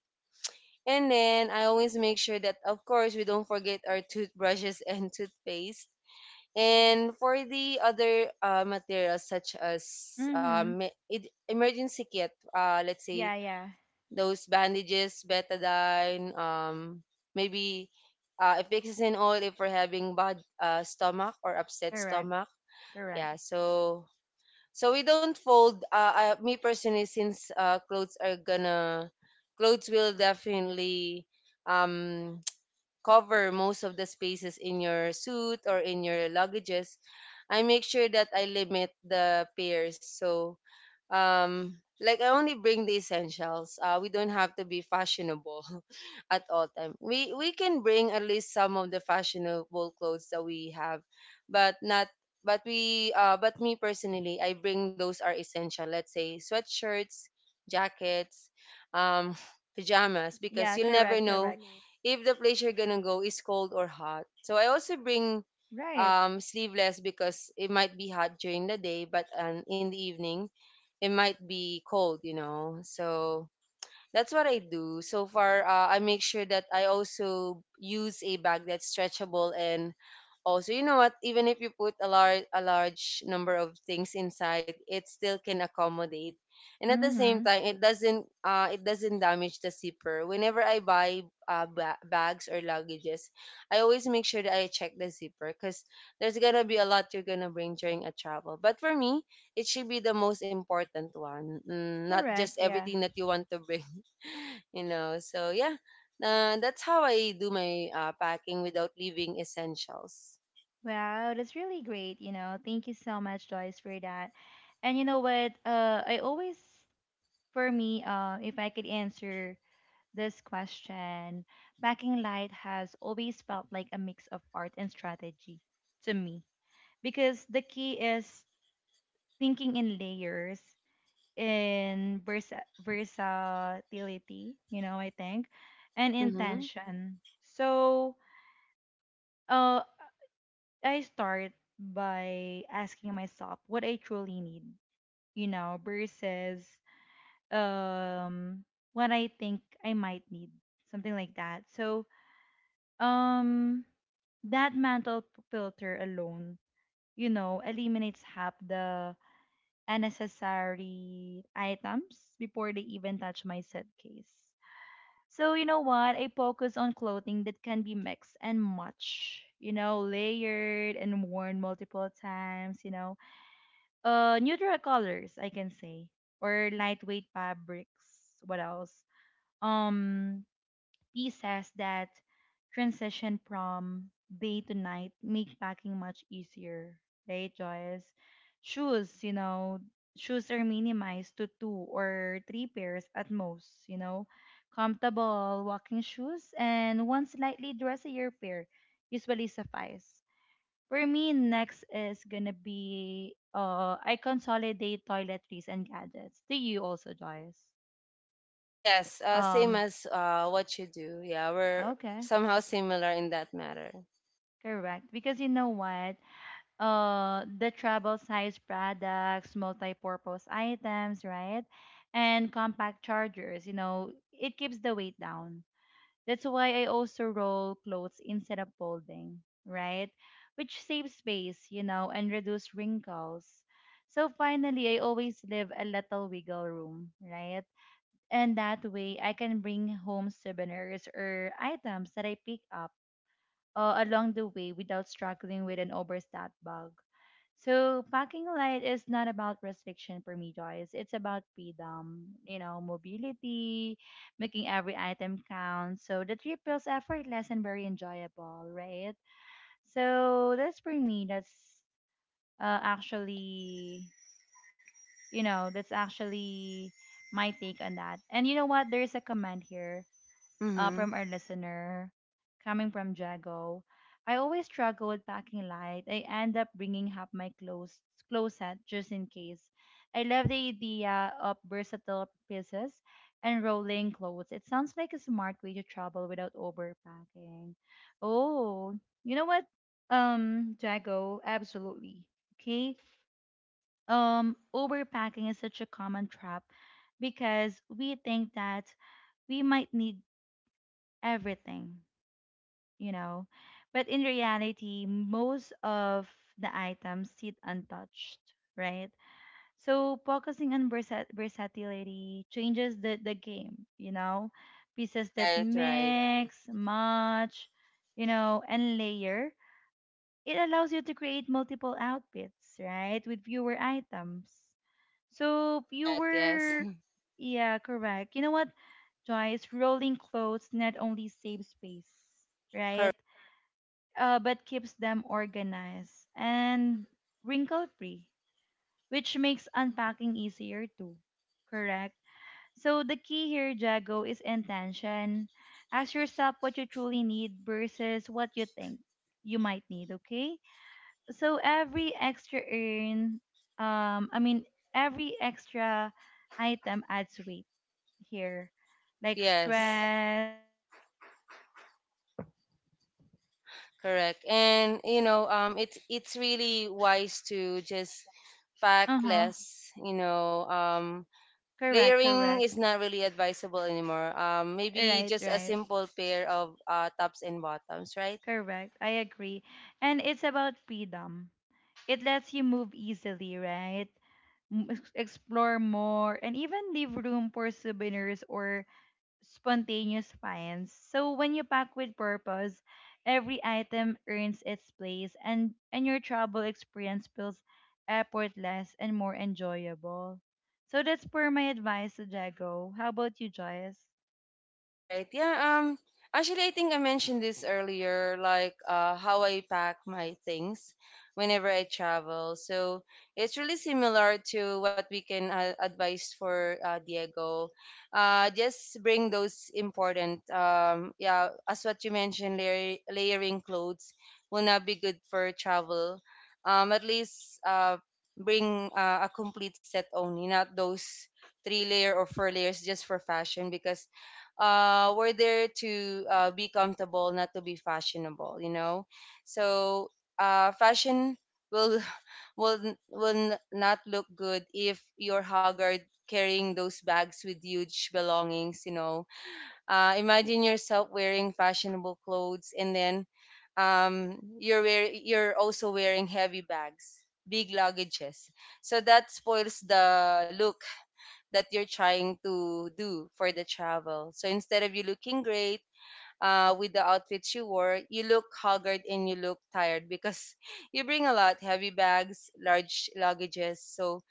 Speaker 2: And then I always make sure that, of course, we don't forget our toothbrushes and toothpaste. And for the other materials such as,
Speaker 1: Mm-hmm.
Speaker 2: emergency kit, let's say
Speaker 1: Yeah, yeah.
Speaker 2: those bandages, betadine, maybe if it's in oil, if we're having bad stomach or upset
Speaker 1: Correct.
Speaker 2: stomach.
Speaker 1: Correct.
Speaker 2: Yeah, so we don't fold. Me personally, since clothes will definitely, um, cover most of the spaces in your suit or in your luggages. I make sure that I limit the pairs. So like I only bring the essentials. We don't have to be fashionable at all time, we can bring at least some of the
Speaker 1: Right,
Speaker 2: fashionable
Speaker 1: right.
Speaker 2: clothes
Speaker 1: You
Speaker 2: that
Speaker 1: don't
Speaker 2: we
Speaker 1: have to be
Speaker 2: have. But
Speaker 1: passionable.
Speaker 2: not, but we but me personally, I bring those are essential, let's say sweatshirts, jackets, um pajamas, because
Speaker 1: Yeah,
Speaker 2: you'll never
Speaker 1: correct,
Speaker 2: know
Speaker 1: correct.
Speaker 2: if the place you're gonna go is cold or hot. So I also bring
Speaker 1: Right.
Speaker 2: sleeveless, because it might be hot during the day, but in the evening it might be cold, you know. So, that's what I do. So far, I make sure that I also use a bag that's stretchable, and also, you know what, even if you put a large number of things inside, it still can accommodate. And at the same
Speaker 1: Mm-hmm.
Speaker 2: time, it doesn't, damage the zipper. Whenever I buy bags or luggages, I always make sure that I check the zipper, because there's gonna be a lot you're gonna bring during a travel. But for me, it should be the most important one, mm, not just
Speaker 1: Correct, yeah.
Speaker 2: everything that you want to bring you know. So yeah, that's how I do my packing without leaving essentials.
Speaker 1: Wow, that's really great, you know. Thank you so much, Joyce, for that. And you know what? I always, for me, if I could answer this question, backing light has always felt like a mix of art and strategy to me. Because the key is thinking in layers, in versatility, you know, I think, and
Speaker 2: Mm-hmm.
Speaker 1: intention. So, uh, I start by asking myself what I truly need, you know, versus um what I think I might need, something like that. So, um, that mental filter alone, you know, eliminates half the unnecessary items before they even touch my set case. So you know what? I focus on clothing that can be mixed and much, you know, layered and worn multiple times, you know. Uh, neutral colors, I can say, or lightweight fabrics. What else? Um Pieces that transition from day to night make packing much easier, right, Joyce? Shoes, you know, shoes are minimized to two or three pairs at most, you know. Comfortable walking shoes and one slightly dressier pair usually suffice. For me, next is gonna be, I consolidate toiletries and gadgets. Do you also, Joyce?
Speaker 2: Yes, same
Speaker 1: Um,
Speaker 2: as what you do. Yeah, we're
Speaker 1: okay,
Speaker 2: somehow similar in that matter.
Speaker 1: correct. Because you know what? The travel size products, multi-purpose items, right? And compact chargers, you know, it keeps the weight down. That's why I also roll clothes instead of folding, right? Which saves space, you know, and reduce wrinkles. So finally, I always leave a little wiggle room, right? And that way I can bring home souvenirs or items that I pick up along the way without struggling with an overstacked bag. So packing light is not about restriction for me, Joyce. It's about freedom, you know, mobility, making every item count. So the trip feels effortless and very enjoyable, right? So that's for me. That's uh, actually, you know, that's actually my take on that. And you know what? There's a comment here
Speaker 2: Mm-hmm.
Speaker 1: from our listener coming from Jago. "I always struggle with packing light. I end up bringing up my clothes closet just in case. I love the idea of versatile pieces and rolling clothes. It sounds like a smart way to travel without overpacking." Oh, you know what? Jago, absolutely. Okay. Overpacking is such a common trap because we think that we might need everything you know. But in reality, most of the items sit untouched, right? So focusing on versatility changes the game, you know. Pieces that
Speaker 2: Right, right.
Speaker 1: mix, match, you know, and layer. It allows you to create multiple outfits, right? With fewer items. So
Speaker 2: Correct, yes
Speaker 1: fewer yeah, correct. You know what, Joyce? Rolling clothes not only save space, right?
Speaker 2: correct,
Speaker 1: But keeps them organized and wrinkle free, which makes unpacking easier too. Correct? So, the key here, Jago, is intention. Ask yourself what you truly need versus what you think you might need, okay? So, every extra earn, I mean, every extra item adds weight here, like Yes.
Speaker 2: yes.
Speaker 1: stress, mental clutter, and all that. And packing
Speaker 2: Correct,
Speaker 1: also
Speaker 2: and
Speaker 1: light
Speaker 2: you know,
Speaker 1: it's
Speaker 2: it's
Speaker 1: not
Speaker 2: it's
Speaker 1: about
Speaker 2: really
Speaker 1: limiting
Speaker 2: wise
Speaker 1: yourself.
Speaker 2: to just pack
Speaker 1: Uh huh.
Speaker 2: less, you know. Um,
Speaker 1: Correct,
Speaker 2: layering
Speaker 1: correct.
Speaker 2: is not really advisable anymore. Maybe
Speaker 1: Right,
Speaker 2: just a
Speaker 1: right.
Speaker 2: simple pair of tops and bottoms, right?
Speaker 1: Correct. I agree. And it's about freedom. It lets you move easily, right? Explore more and even leave room for souvenirs or spontaneous finds. So when you pack with purpose, every item earns its place and your travel experience feels effortless and more enjoyable. So that's per my advice to Jago. How about you, Joyce?
Speaker 2: All right. Yeah. Actually, I think I mentioned this earlier, like how I pack my things whenever I travel. So it's really similar to what we can advise for Diego. Just bring those important. Yeah. As what you mentioned, layer, layering clothes will not be good for travel. Um, at least bring a complete set only, not those three layer or four layers just for fashion, because we're there to be comfortable, not to be fashionable, you know. So fashion will not look good if you're haggard, carrying those bags with huge belongings, you know. Imagine yourself wearing fashionable clothes, and then you're also wearing heavy bags, big luggages. So that spoils the look that you're trying to do for the travel. So instead of you looking great with the outfits you wore, you look haggard and you look tired because you bring a lot heavy bags, large luggages. So,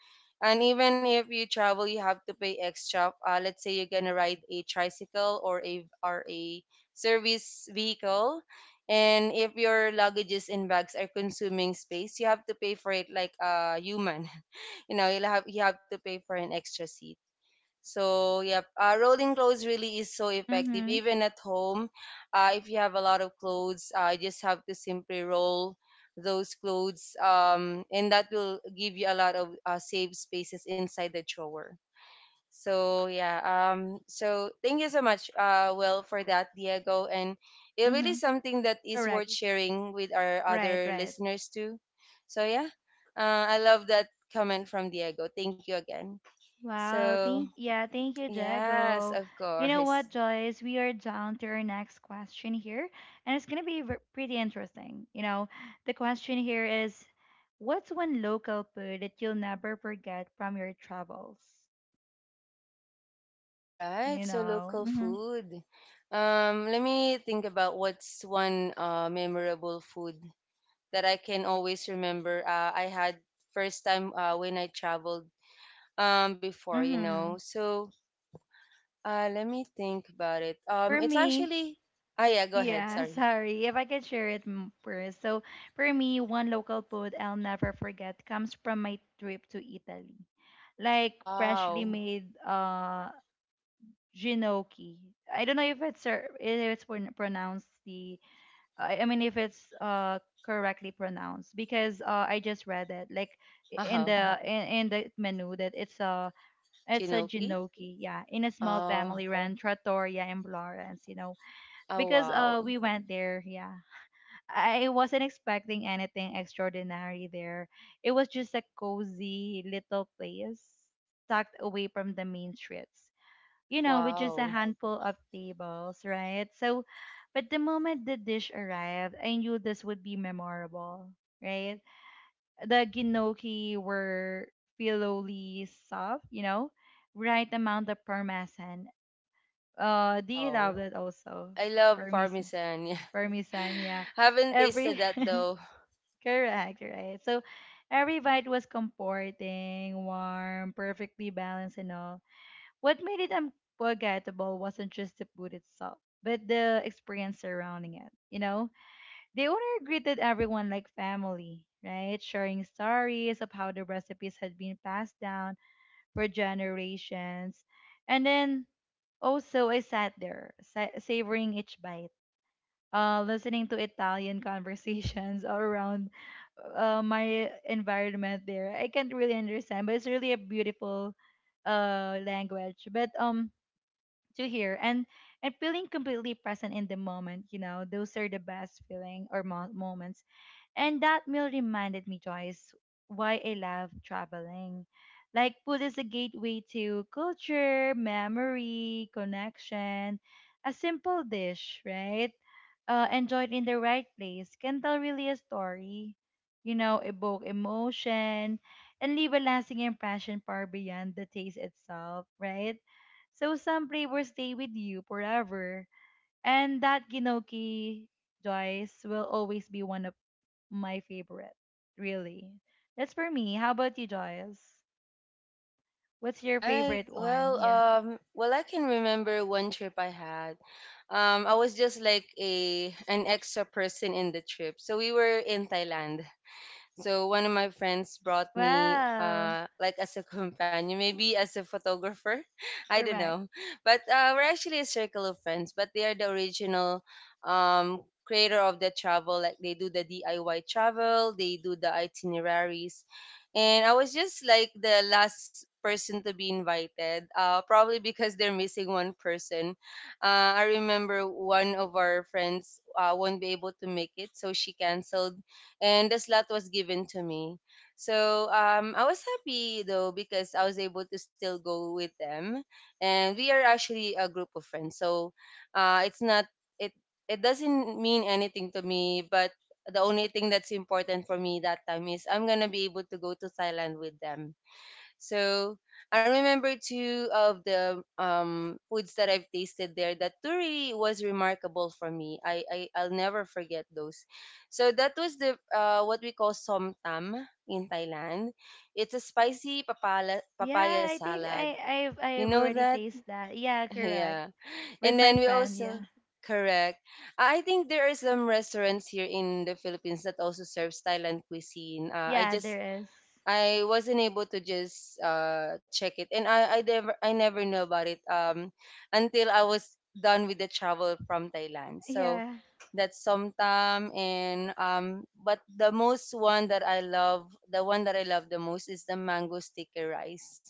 Speaker 2: and even if you travel, you have to pay extra. Let's say you're gonna ride a tricycle, or a service vehicle. And if your luggages and bags are consuming space, you have to pay for it like a human you know, you have to pay for an extra seat. So, yep, rolling clothes really is so effective.
Speaker 1: Mm-hmm.
Speaker 2: Even at home, if you have a lot of clothes, you just have to simply roll those clothes, and that will give you a lot of safe spaces inside the drawer. So, yeah, so thank you so much, Will, for that, Diego. And it really
Speaker 1: Mm-hmm.
Speaker 2: something that is
Speaker 1: Correct.
Speaker 2: worth sharing with our
Speaker 1: Right,
Speaker 2: other
Speaker 1: right.
Speaker 2: listeners too. So, yeah, I love that comment from Diego. Thank you again.
Speaker 1: Wow,
Speaker 2: So,
Speaker 1: thank you,
Speaker 2: yes,
Speaker 1: Jago.
Speaker 2: of
Speaker 1: You know
Speaker 2: course.
Speaker 1: what, Joyce? We are down to our next question here, and it's gonna be pretty interesting. You know, the question here is, what's one local food that you'll never forget from your travels?
Speaker 2: All right,
Speaker 1: You
Speaker 2: so
Speaker 1: know,
Speaker 2: local
Speaker 1: mm-hmm,
Speaker 2: food. Let me think about what's one memorable food that I can always remember. I had first time when I traveled before, you know.
Speaker 1: mm-hmm.
Speaker 2: So let me think about it.
Speaker 1: For
Speaker 2: It's
Speaker 1: me,
Speaker 2: actually. Ah, yeah. Go ahead.
Speaker 1: yeah,
Speaker 2: Sorry.
Speaker 1: sorry if I could share it first. So for me, one local food I'll never forget comes from my trip to Italy like freshly
Speaker 2: Wow.
Speaker 1: made Ginocchi. I don't know if it's if it's pronounced the I mean if it's correctly pronounced because I just read it like
Speaker 2: Uh huh.
Speaker 1: in the menu that it's a
Speaker 2: Chinoki.
Speaker 1: ginocchi yeah in a small
Speaker 2: Oh.
Speaker 1: family run trattoria in Florence, you know,
Speaker 2: Oh,
Speaker 1: because
Speaker 2: wow.
Speaker 1: we went there yeah I wasn't expecting anything extraordinary there. It was just a cozy little place tucked away from the main streets, you know, with just a
Speaker 2: Wow.
Speaker 1: handful of tables, right? So, but the moment the dish arrived, I knew this would be memorable, right? The gnocchi were filloly soft, you know, right amount of parmesan. Do you love
Speaker 2: Wow.
Speaker 1: that also?
Speaker 2: I love
Speaker 1: Parmesan,
Speaker 2: parmesan. Yeah.
Speaker 1: parmesan, yeah.
Speaker 2: Haven't tasted
Speaker 1: Every
Speaker 2: that though.
Speaker 1: correct, right? So, every bite was comforting, warm, perfectly balanced, and all what made it unforgettable wasn't just the food itself, but the experience surrounding it. You know, the owner greeted everyone like family, right? Sharing stories of how the recipes had been passed down for generations. And then also, I sat there, savoring each bite, listening to Italian conversations all around my environment there. I can't really understand, but it's really a beautiful language. But to hear and feeling completely present in the moment, you know, those are the best feeling or moments. And that meal reminded me, Joyce, why I love traveling. Like, food is a gateway to culture, memory, connection. A simple dish, right? Enjoyed in the right place can tell really a story, you know, evoke emotion, and leave a lasting impression far beyond the taste itself, right? So, some flavors stay with you forever. And that ginoki, Joyce, will always be one of my favorite, really. That's for me. How about you, Joyce? What's your
Speaker 2: Right.
Speaker 1: favorite one?
Speaker 2: Well,
Speaker 1: Yeah.
Speaker 2: well, I can remember one trip I had. I was just like a an extra person in the trip, so we were in Thailand. So one of my friends brought me,
Speaker 1: Wow,
Speaker 2: like as a companion, maybe as a photographer. I don't
Speaker 1: correct.
Speaker 2: know, but we're actually a circle of friends. But they are the original um, creator of the travel. Like they do the DIY travel, they do the itineraries, and I was just like the last person to be invited. Probably because they're missing one person. I remember one of our friends won't be able to make it, so she canceled and the slot was given to me. So I was happy though because I was able to still go with them, and we are actually a group of friends. So it's not it it doesn't mean anything to me, but the only thing that's important for me that time is I'm gonna be able to go to Thailand with them. So I remember two of the foods that I've tasted there that really was remarkable for me. I'll never forget those. So that was the what we call somtam in Thailand. It's a spicy papaya
Speaker 1: Yeah, I think
Speaker 2: salad.
Speaker 1: I I've
Speaker 2: You
Speaker 1: I've
Speaker 2: know
Speaker 1: already
Speaker 2: that?
Speaker 1: tasted that. Yeah, correct.
Speaker 2: Yeah.
Speaker 1: With
Speaker 2: And
Speaker 1: my
Speaker 2: then we
Speaker 1: friend,
Speaker 2: also
Speaker 1: yeah.
Speaker 2: correct. I think there are some restaurants here in the Philippines that also serves Thailand cuisine.
Speaker 1: Yeah, there is.
Speaker 2: I wasn't able to just check it, and I never knew about it until I was done with the travel from Thailand. So
Speaker 1: Yeah,
Speaker 2: that's Somtam and but the most one that I love the one that I love the most is the mango sticky rice.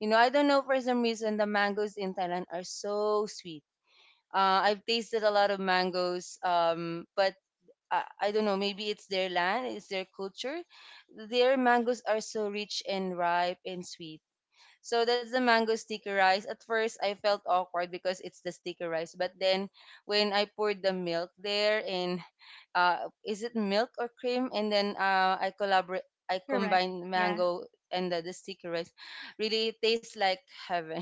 Speaker 2: You know, I don't know, for some reason the mangoes in Thailand are so sweet. I've tasted a lot of mangoes, but I don't know, maybe it's their land, it's their culture. Their mangoes are so rich and ripe and sweet. So that's the mango sticky rice. At first, I felt awkward because it's the sticky rice, but then when I poured the milk there and is it milk or cream? And then I collaborate. I
Speaker 1: correct.
Speaker 2: combine
Speaker 1: Yeah.
Speaker 2: mango and the sticky rice. Really, it tastes like heaven.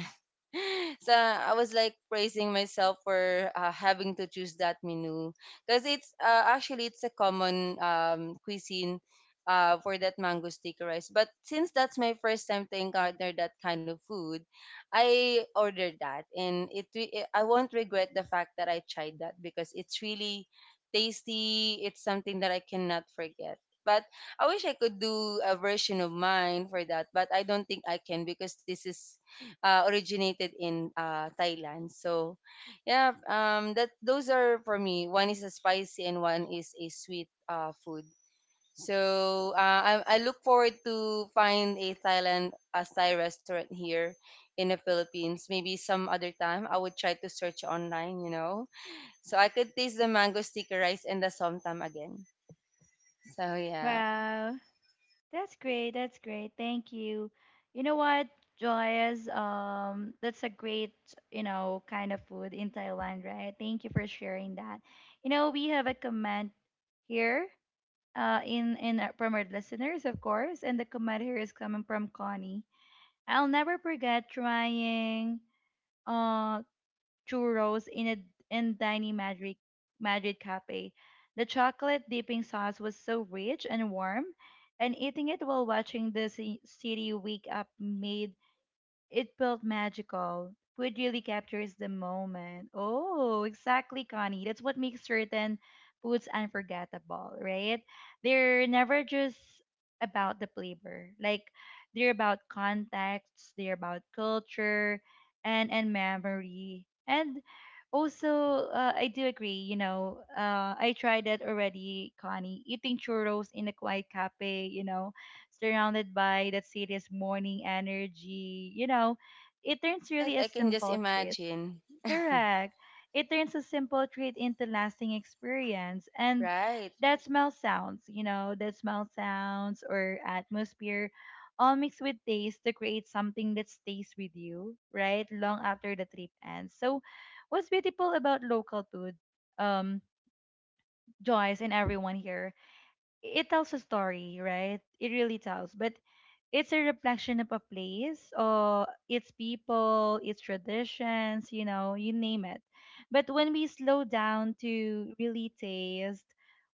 Speaker 2: So I was like praising myself for having to choose that menu because it's actually it's a common cuisine for that mango sticky rice. But since that's my first time to encounter that kind of food, I ordered that, and I won't regret the fact that I tried that because it's really tasty. It's something that I cannot forget. But I wish I could do a version of mine for that, but I don't think I can because this is originated in Thailand. So, yeah, that those are for me. One is a spicy and one is a sweet food. So I look forward to find a Thai restaurant here in the Philippines. Maybe some other time I would try to search online, you know, so I could taste the mango sticky rice and the somtam again. So yeah.
Speaker 1: Wow. That's great. That's great. Thank you. You know what, Joyce? That's a great, you know, kind of food in Thailand, right? Thank you for sharing that. You know, we have a comment here, in from our listeners, of course, and the comment here is coming from Connie. I'll never forget trying, uh, churros in a in tiny Madrid cafe. The chocolate dipping sauce was so rich and warm, and eating it while watching the city wake up made it felt magical. Food really captures the moment. Oh, exactly, Connie. That's what makes certain foods unforgettable, right? They're never just about the flavor. Like they're about context, they're about culture and memory. And also, I do agree, you know, I tried that already, Connie, eating churros in a quiet cafe, you know, surrounded by that city's morning energy. You know, it turns
Speaker 2: Right,
Speaker 1: really a
Speaker 2: I can just
Speaker 1: simple treat.
Speaker 2: imagine.
Speaker 1: Correct. It turns a simple treat into lasting experience. And
Speaker 2: Right.
Speaker 1: that smell sounds, you know, that smell sounds or atmosphere all mixed with taste to create something that stays with you, right? Long after the trip ends. So what's beautiful about local food, um, Joyce and everyone here, it tells a story, right? It really tells. But it's a reflection of a place or its people, its traditions, you know, you name it. But when we slow down to really taste,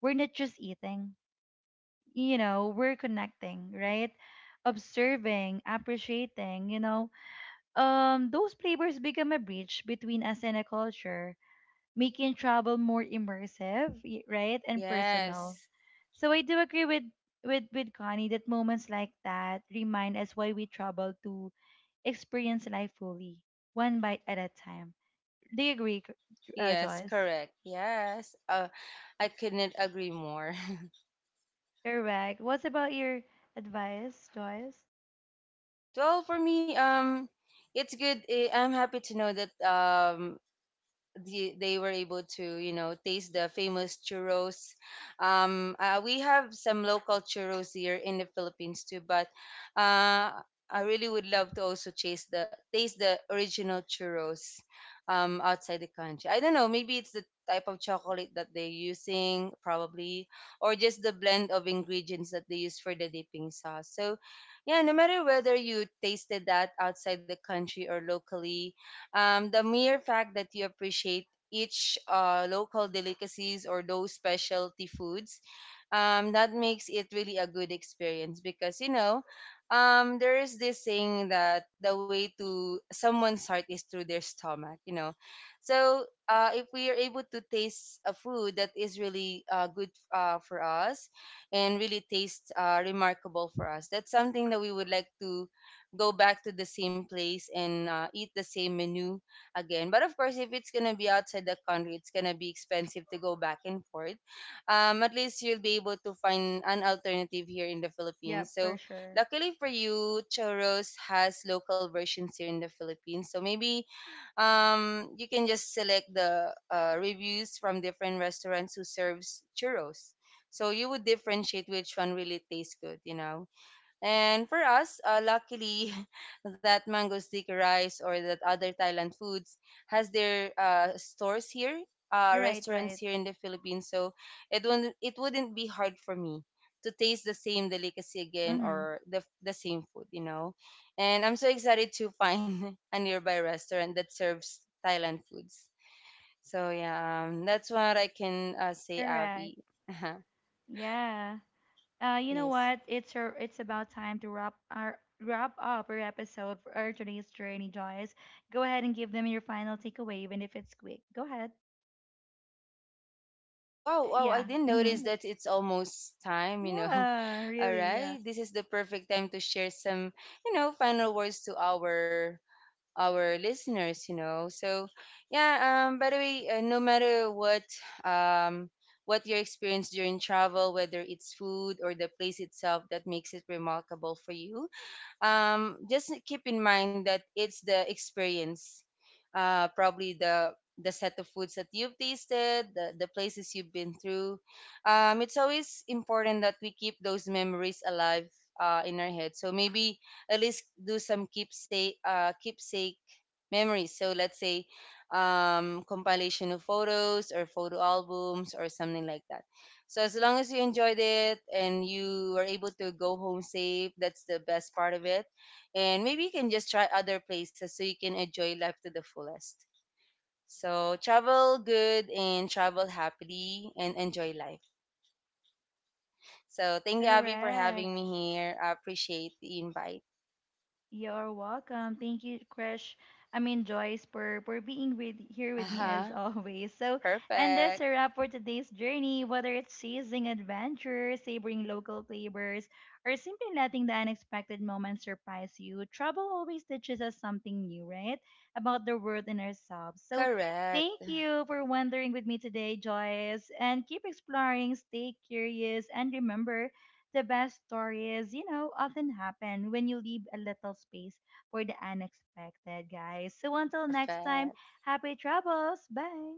Speaker 1: we're not just eating, you know, we're connecting, right, observing, appreciating, you know, those flavors become a bridge between us and a culture, making travel more immersive right and personal.
Speaker 2: Yes.
Speaker 1: So I do agree with with Connie that moments like that remind us why we travel, to experience life fully, one bite at a time. Do you agree,
Speaker 2: Yes,
Speaker 1: Joyce?
Speaker 2: correct. Yes. I couldn't agree more.
Speaker 1: Correct. What's about your advice, Joyce?
Speaker 2: Right. Well, for me, it's good. I'm happy to know that they were able to, you know, taste the famous churros. We have some local churros here in the Philippines too, but uh I really would love to also taste the original churros outside the country. I don't know, maybe it's the type of chocolate that they're using, probably, or just the blend of ingredients that they use for the dipping sauce. So yeah, no matter whether you tasted that outside the country or locally, the mere fact that you appreciate each local delicacies or those specialty foods, that makes it really a good experience because, you know, there is this saying that the way to someone's heart is through their stomach, you know. So if we are able to taste a food that is really good for us and really tastes remarkable for us, that's something that we would like to go back to the same place and eat the same menu again. But of course, if it's gonna be outside the country, it's gonna be expensive to go back and forth. At least you'll be able to find an alternative here in the
Speaker 1: Yep,
Speaker 2: Philippines.
Speaker 1: for
Speaker 2: So
Speaker 1: sure.
Speaker 2: luckily for you, Choros has local versions here in the Philippines. So maybe you can just select the reviews from different restaurants who serves churros. So you would differentiate which one really tastes good, you know. And for us, luckily, that mango sticky rice or that other Thailand foods has their stores here,
Speaker 1: Right,
Speaker 2: restaurants
Speaker 1: right.
Speaker 2: here in the Philippines. So it wouldn't be hard for me to taste the same delicacy again
Speaker 1: Mm-hmm.
Speaker 2: or the same food, you know. And I'm so excited to find a nearby restaurant that serves Thailand foods. So yeah, that's what I can say,
Speaker 1: Correct.
Speaker 2: Avi.
Speaker 1: Yeah. You know
Speaker 2: Yes.
Speaker 1: what? It's it's about time to wrap up our episode for our today's journey, Joyce. Go ahead and give them your final takeaway, even if it's quick. Go ahead.
Speaker 2: Like,
Speaker 1: But
Speaker 2: wow, wow, I
Speaker 1: yeah,
Speaker 2: didn't notice
Speaker 1: mhm.
Speaker 2: that it's almost time, you know.
Speaker 1: Yeah,
Speaker 2: All
Speaker 1: really, yeah.
Speaker 2: right. This is the perfect time to share some, you know, final words to our listeners, you know. So, yeah, by the way, no matter um what your experience during travel, whether it's food or the place itself that makes it remarkable for you, just keep in mind that it's the experience, probably the set of foods that you've tasted, the places you've been through. It's always important that we keep those memories alive in our head. So maybe at least do some keepsake memories. So let's say compilation of photos or photo albums or something like that. So as long as you enjoyed it and you were able to go home safe, that's the best part of it, and maybe you can just try other places so you can enjoy life to the fullest. So travel good and travel happily and enjoy life. So thank you, Abby, for having
Speaker 1: Correct.
Speaker 2: me here. I appreciate the invite.
Speaker 1: You're welcome. Thank you, Krish. I mean, Joyce, for being with here
Speaker 2: Uh
Speaker 1: with me as
Speaker 2: huh.
Speaker 1: always. So, and that's
Speaker 2: Perfect.
Speaker 1: a wrap for today's journey. Whether it's chasing adventure, savoring local flavors, or simply letting the unexpected moments surprise you, trouble always teaches us something new, right? About the world and ourselves. So, thank
Speaker 2: Correct.
Speaker 1: you for wandering with me today, Joyce. And keep exploring, stay curious, and remember the best stories, you know, often happen when you leave a little space for the unexpected, guys. So until next time,
Speaker 2: Perfect.
Speaker 1: happy travels. Bye.